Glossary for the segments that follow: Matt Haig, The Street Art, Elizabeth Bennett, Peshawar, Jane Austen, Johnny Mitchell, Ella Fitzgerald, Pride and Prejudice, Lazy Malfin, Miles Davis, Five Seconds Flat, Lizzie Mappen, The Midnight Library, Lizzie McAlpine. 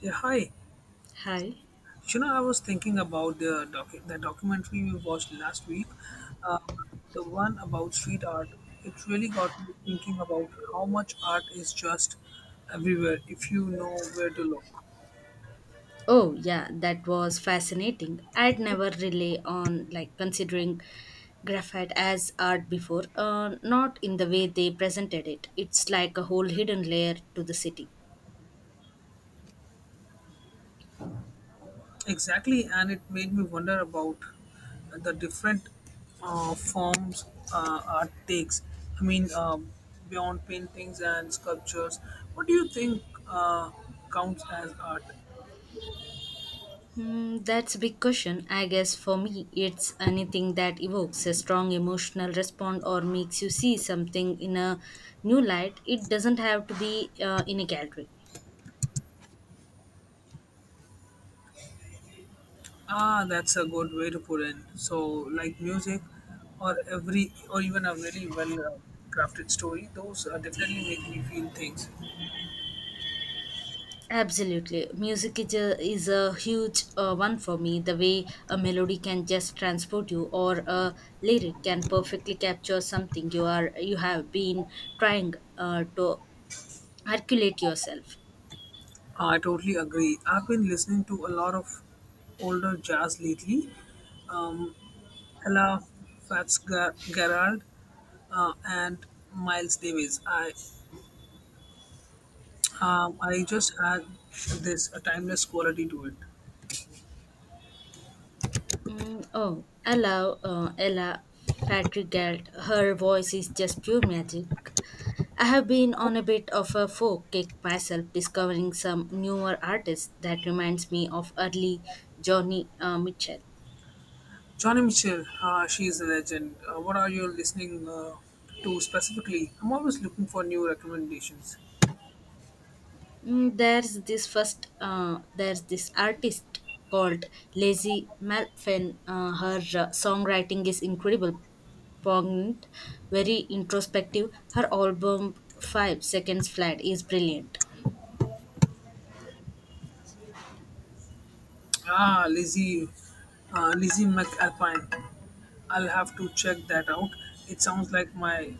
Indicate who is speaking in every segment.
Speaker 1: Yeah, hi.
Speaker 2: Hi.
Speaker 1: You know, I was thinking about the documentary we watched last week, uh, the one about street art. It really got me thinking about how much art is just everywhere if you know where to look.
Speaker 2: Oh, yeah, that was fascinating. I'd never really on like considering graphite as art before, not in the way they presented it. It's like a whole hidden layer to the city.
Speaker 1: Exactly, and it made me wonder about the different forms art takes. I mean, beyond paintings and sculptures, what do you think counts as art?
Speaker 2: That's a big question. I guess for me, it's anything that evokes a strong emotional response or makes you see something in a new light. It doesn't have to be in a gallery.
Speaker 1: Ah, that's a good way to put it. So, like music, or even a really well crafted story, those definitely make me feel things.
Speaker 2: Absolutely. Music is a huge one for me. The way a melody can just transport you or a lyric can perfectly capture something you have been trying to articulate yourself.
Speaker 1: I totally agree. I've been listening to a lot of older jazz lately. Ella Fitzgerald and Miles Davis. I just had this a timeless quality to it.
Speaker 2: Oh, Ella Fitzgerald. Her voice is just pure magic. I have been on a bit of a folk kick myself, discovering some newer artists that reminds me of early Johnny Mitchell.
Speaker 1: Johnny Mitchell, she is a legend. What are you listening to specifically? I'm always looking for new recommendations.
Speaker 2: There's this artist called Lazy Malfin. Her songwriting is incredible, poignant, very introspective. Her album Five Seconds Flat is brilliant.
Speaker 1: Ah, Lizzie McAlpine. I'll have to check that out. It sounds like my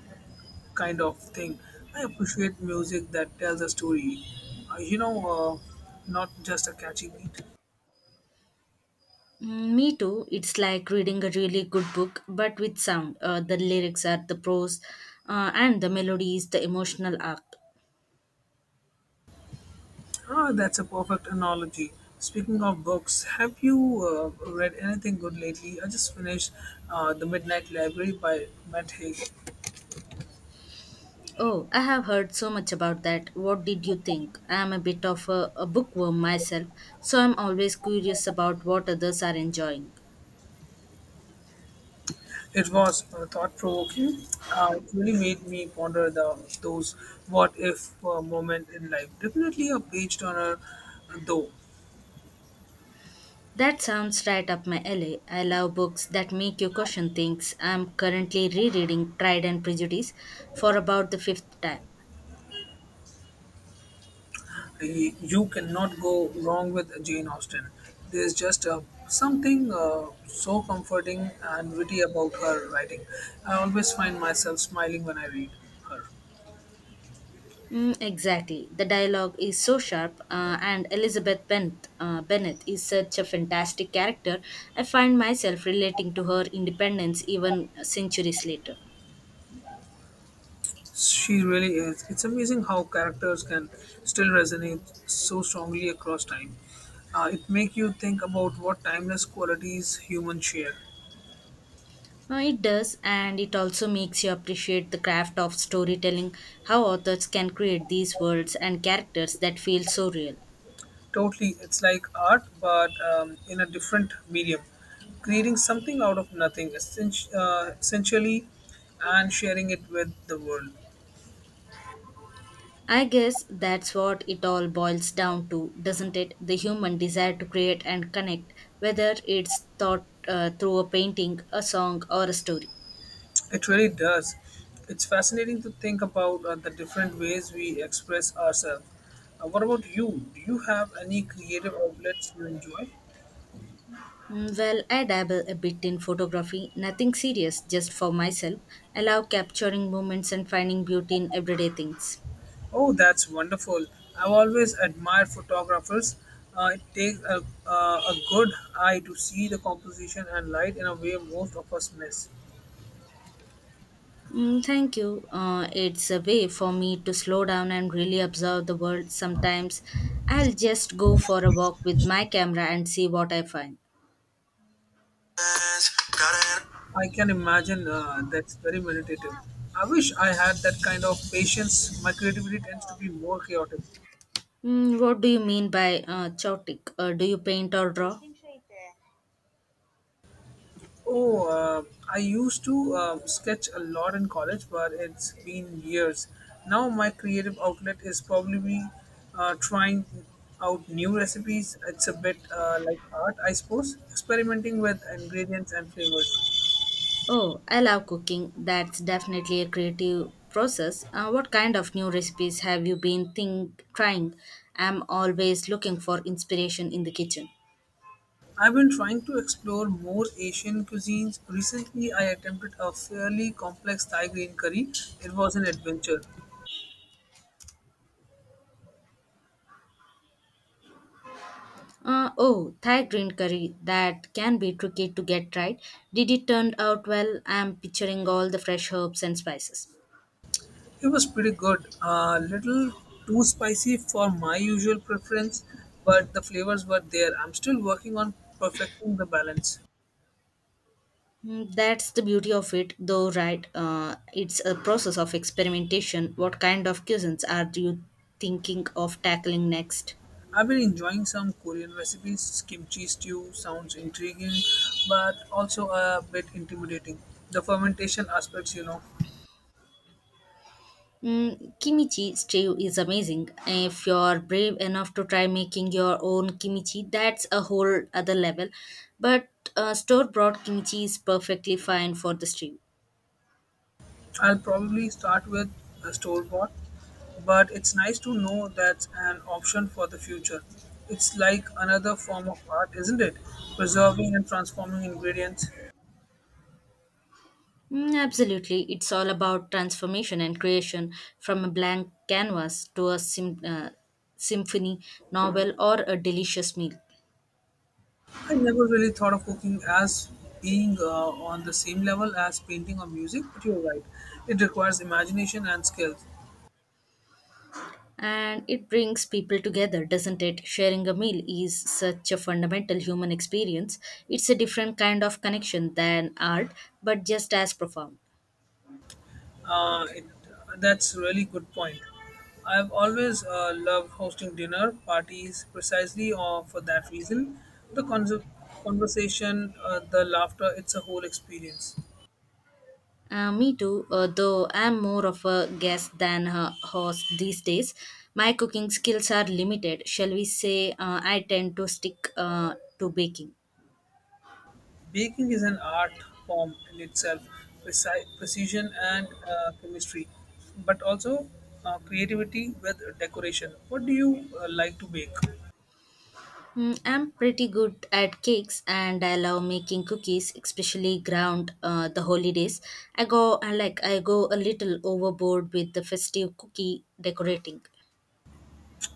Speaker 1: kind of thing. I appreciate music that tells a story. Uh, you know, uh, Not just a catchy beat.
Speaker 2: Me too. It's like reading a really good book, but with sound. The lyrics are the prose, and the melody is the emotional arc.
Speaker 1: Ah, that's a perfect analogy. Speaking of books, have you read anything good lately? I just finished The Midnight Library by Matt Haig.
Speaker 2: Oh, I have heard so much about that. What did you think? I am a bit of a bookworm myself, so I'm always curious about what others are enjoying.
Speaker 1: It was thought-provoking. It really made me ponder the those what-if moment in life. Definitely a page-turner, though.
Speaker 2: That sounds right up my alley. I love books that make you question things. I'm currently rereading Pride and Prejudice for about the fifth time.
Speaker 1: You cannot go wrong with Jane Austen. There's just something so comforting and witty about her writing. I always find myself smiling when I read her.
Speaker 2: Exactly. The dialogue is so sharp, and Elizabeth Bennett is such a fantastic character. I find myself relating to her independence even centuries later.
Speaker 1: She really is. It's amazing how characters can still resonate so strongly across time. It makes you think about what timeless qualities humans share.
Speaker 2: It does, and it also makes you appreciate the craft of storytelling, how authors can create these worlds and characters that feel so real.
Speaker 1: Totally, it's like art, but in a different medium, creating something out of nothing, essentially, and sharing it with the world.
Speaker 2: I guess that's what it all boils down to, doesn't it? The human desire to create and connect, whether it's thought through a painting, a song, or a story.
Speaker 1: It really does. It's fascinating to think about the different ways we express ourselves. What about you? Do you have any creative outlets you enjoy?
Speaker 2: Mm, well, I dabble a bit in photography, nothing serious, just for myself. I love capturing moments and finding beauty in everyday things.
Speaker 1: Oh, that's wonderful. I've always admired photographers. It takes a good eye to see the composition and light in a way most of us miss.
Speaker 2: Thank you. It's a way for me to slow down and really observe the world. Sometimes I'll just go for a walk with my camera and see what I find.
Speaker 1: I can imagine that's very meditative. I wish I had that kind of patience. My creativity tends to be more chaotic.
Speaker 2: What do you mean by chaotic? Do you paint or draw?
Speaker 1: Oh, I used to sketch a lot in college, but it's been years. Now my creative outlet is probably trying out new recipes. It's a bit like art, I suppose, experimenting with ingredients and flavors.
Speaker 2: Oh, I love cooking. That's definitely a creative process. What kind of new recipes have you been think trying? I'm always looking for inspiration in the kitchen.
Speaker 1: I've been trying to explore more Asian cuisines. Recently, I attempted a fairly complex Thai green curry. It was an adventure.
Speaker 2: Oh, Thai green curry. That can be tricky to get right. Did it turn out well? I'm picturing all the fresh herbs and spices.
Speaker 1: It was pretty good. A little too spicy for my usual preference, but the flavors were there. I'm still working on perfecting the balance.
Speaker 2: Mm, that's the beauty of it, though, right? It's a process of experimentation. What kind of cuisines are you thinking of tackling next?
Speaker 1: I've been enjoying some Korean recipes. Kimchi stew sounds intriguing, but also a bit intimidating. The fermentation aspects, you know.
Speaker 2: Kimchi stew is amazing. If you're brave enough to try making your own kimchi, that's a whole other level. But store bought kimchi is perfectly fine for the stew.
Speaker 1: I'll probably start with a store bought, but it's nice to know that's an option for the future. It's like another form of art, isn't it? Preserving and transforming ingredients.
Speaker 2: Absolutely. It's all about transformation and creation from a blank canvas to a symphony, novel, or a delicious meal.
Speaker 1: I never really thought of cooking as being on the same level as painting or music, but you're right. It requires imagination and skills.
Speaker 2: And it brings people together, doesn't it? Sharing a meal is such a fundamental human experience. It's a different kind of connection than art, but just as profound.
Speaker 1: Uh, it, that's really good point. I've always loved hosting dinner parties precisely for that reason. The conversation, the laughter, it's a whole experience.
Speaker 2: Me too, though I'm more of a guest than a host these days. My cooking skills are limited, shall we say. I tend to stick to baking.
Speaker 1: Baking is an art form in itself, precision and chemistry, but also creativity with decoration. What do you like to bake?
Speaker 2: I'm pretty good at cakes and I love making cookies, especially ground the holidays. I go a little overboard with the festive cookie decorating.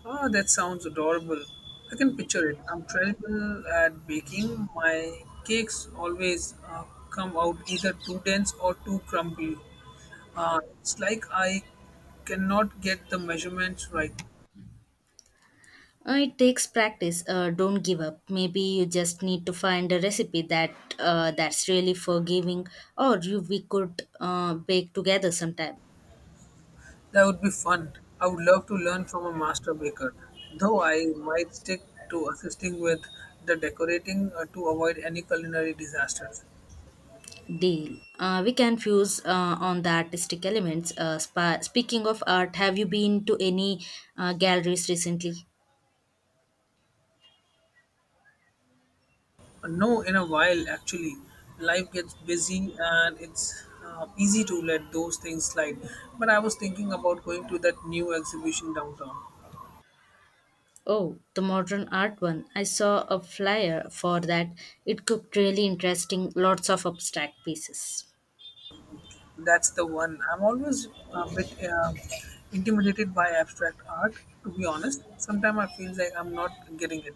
Speaker 1: Ah, that sounds adorable. I can picture it. I'm terrible at baking. My cakes always come out either too dense or too crumbly. It's like I cannot get the measurements right.
Speaker 2: It takes practice. Don't give up. Maybe you just need to find a recipe that's really forgiving, or you we could bake together sometime.
Speaker 1: That would be fun. I would love to learn from a master baker, though I might stick to assisting with the decorating to avoid any culinary disasters.
Speaker 2: Deal. We can fuse on the artistic elements. Speaking of art, have you been to any galleries recently?
Speaker 1: No, in a while, actually. Life gets busy and it's easy to let those things slide. But I was thinking about going to that new exhibition downtown.
Speaker 2: Oh, the modern art one. I saw a flyer for that. It looked really interesting. Lots of abstract pieces.
Speaker 1: That's the one. I'm always a bit intimidated by abstract art, to be honest. Sometimes I feel like I'm not getting it.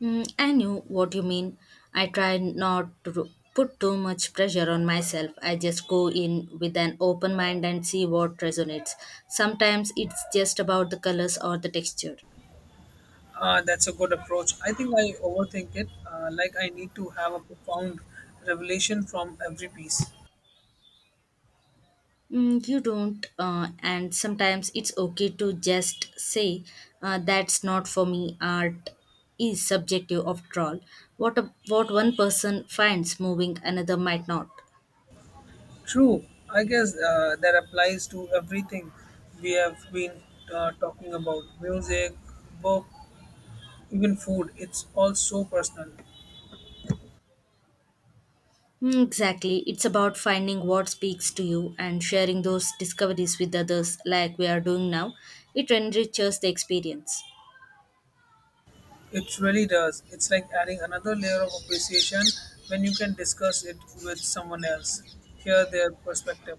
Speaker 2: I knew what you mean. I try not to put too much pressure on myself. I just go in with an open mind and see what resonates. Sometimes it's just about the colors or the texture.
Speaker 1: That's a good approach. I think I overthink it. Like I need to have a profound revelation from every piece.
Speaker 2: You don't, and sometimes it's okay to just say that's not for me. Art is subjective after all. What one person finds moving, another might not.
Speaker 1: True. I guess that applies to everything we have been talking about music, book, even food. It's all so personal.
Speaker 2: Hmm, exactly. It's about finding what speaks to you and sharing those discoveries with others, like we are doing now. It enriches the experience.
Speaker 1: It really does. It's like adding another layer of appreciation when you can discuss it with someone else, hear their perspective.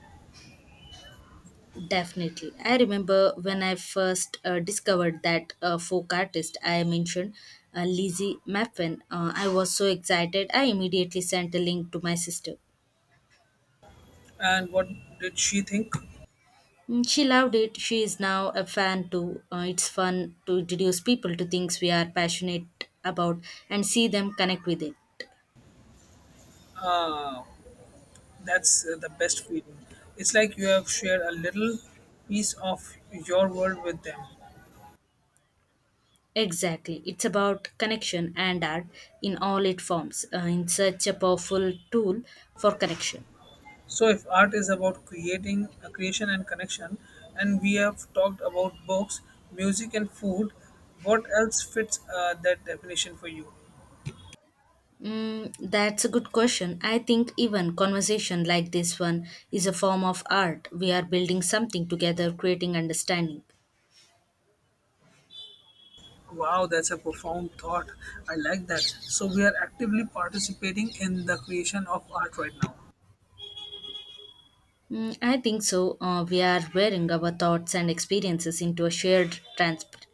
Speaker 2: Definitely. I remember when I first discovered that folk artist I mentioned, Lizzie Mappen. I was so excited. I immediately sent a link to my sister.
Speaker 1: And what did she think?
Speaker 2: Mm, she loved it. She is now a fan too. It's fun to introduce people to things we are passionate about and see them connect with it.
Speaker 1: Uh, That's the best feeling. It's like you have shared a little piece of your world with them.
Speaker 2: Exactly. It's about connection, and art in all its forms. In such a powerful tool for connection.
Speaker 1: So if art is about creating a creation and connection, and we have talked about books, music, and food, what else fits that definition for you?
Speaker 2: Mm, that's a good question. I think even conversation like this one is a form of art. We are building something together, creating understanding.
Speaker 1: Wow, that's a profound thought. I like that. So we are actively participating in the creation of art right now.
Speaker 2: I think so. We are wearing our thoughts and experiences into a shared transport.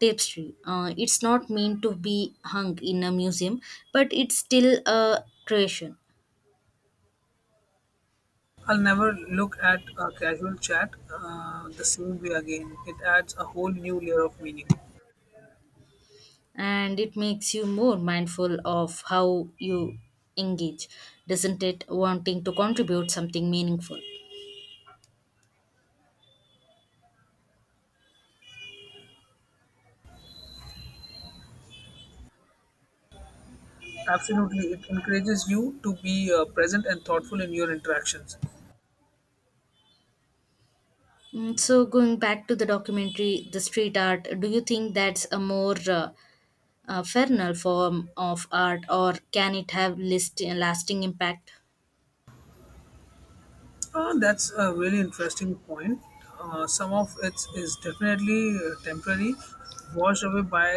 Speaker 2: Tapestry. It's not meant to be hung in a museum, but it's still a creation.
Speaker 1: I'll never look at a casual chat the same way again. It adds a whole new layer of meaning.
Speaker 2: And it makes you more mindful of how you engage, doesn't it? Wanting to contribute something meaningful.
Speaker 1: Absolutely, it encourages you to be present and thoughtful in your interactions.
Speaker 2: Mm, so, going back to the documentary, the street art, do you think that's a more fernal form of art, or can it have lasting impact?
Speaker 1: That's a really interesting point. Some of it is definitely temporary, washed away by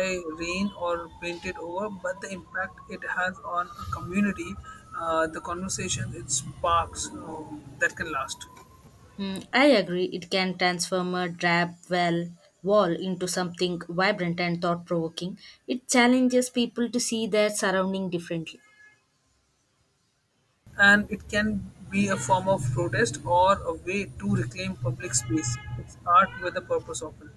Speaker 1: rain or painted over, but the impact it has on a community, the conversation it sparks, that can last.
Speaker 2: I agree, it can transform a drab well wall into something vibrant and thought provoking. It challenges people to see their surrounding differently.
Speaker 1: And it can be a form of protest or a way to reclaim public space. It's art with a purpose often.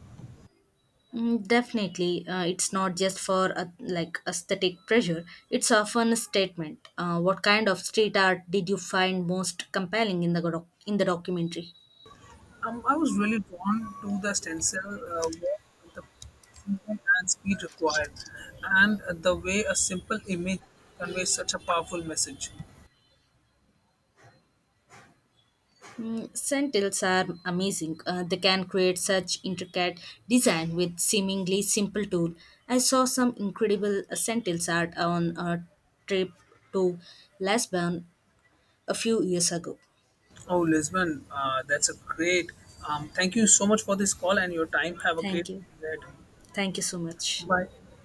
Speaker 2: Mm, definitely, it's not just for a like aesthetic pleasure. It's often a statement. What kind of street art did you find most compelling in the documentary?
Speaker 1: I was really drawn to the stencil work, the precision and speed required, and the way a simple image conveys such a powerful message.
Speaker 2: Sentinels are amazing. They can create such intricate design with seemingly simple tool. I saw some incredible sentinels art on a trip to Lisbon a few years ago.
Speaker 1: Oh, Lisbon, that's a great. Thank you so much for this call and your time. Have a great
Speaker 2: Thank you.
Speaker 1: day.
Speaker 2: Thank you so much.
Speaker 1: Bye.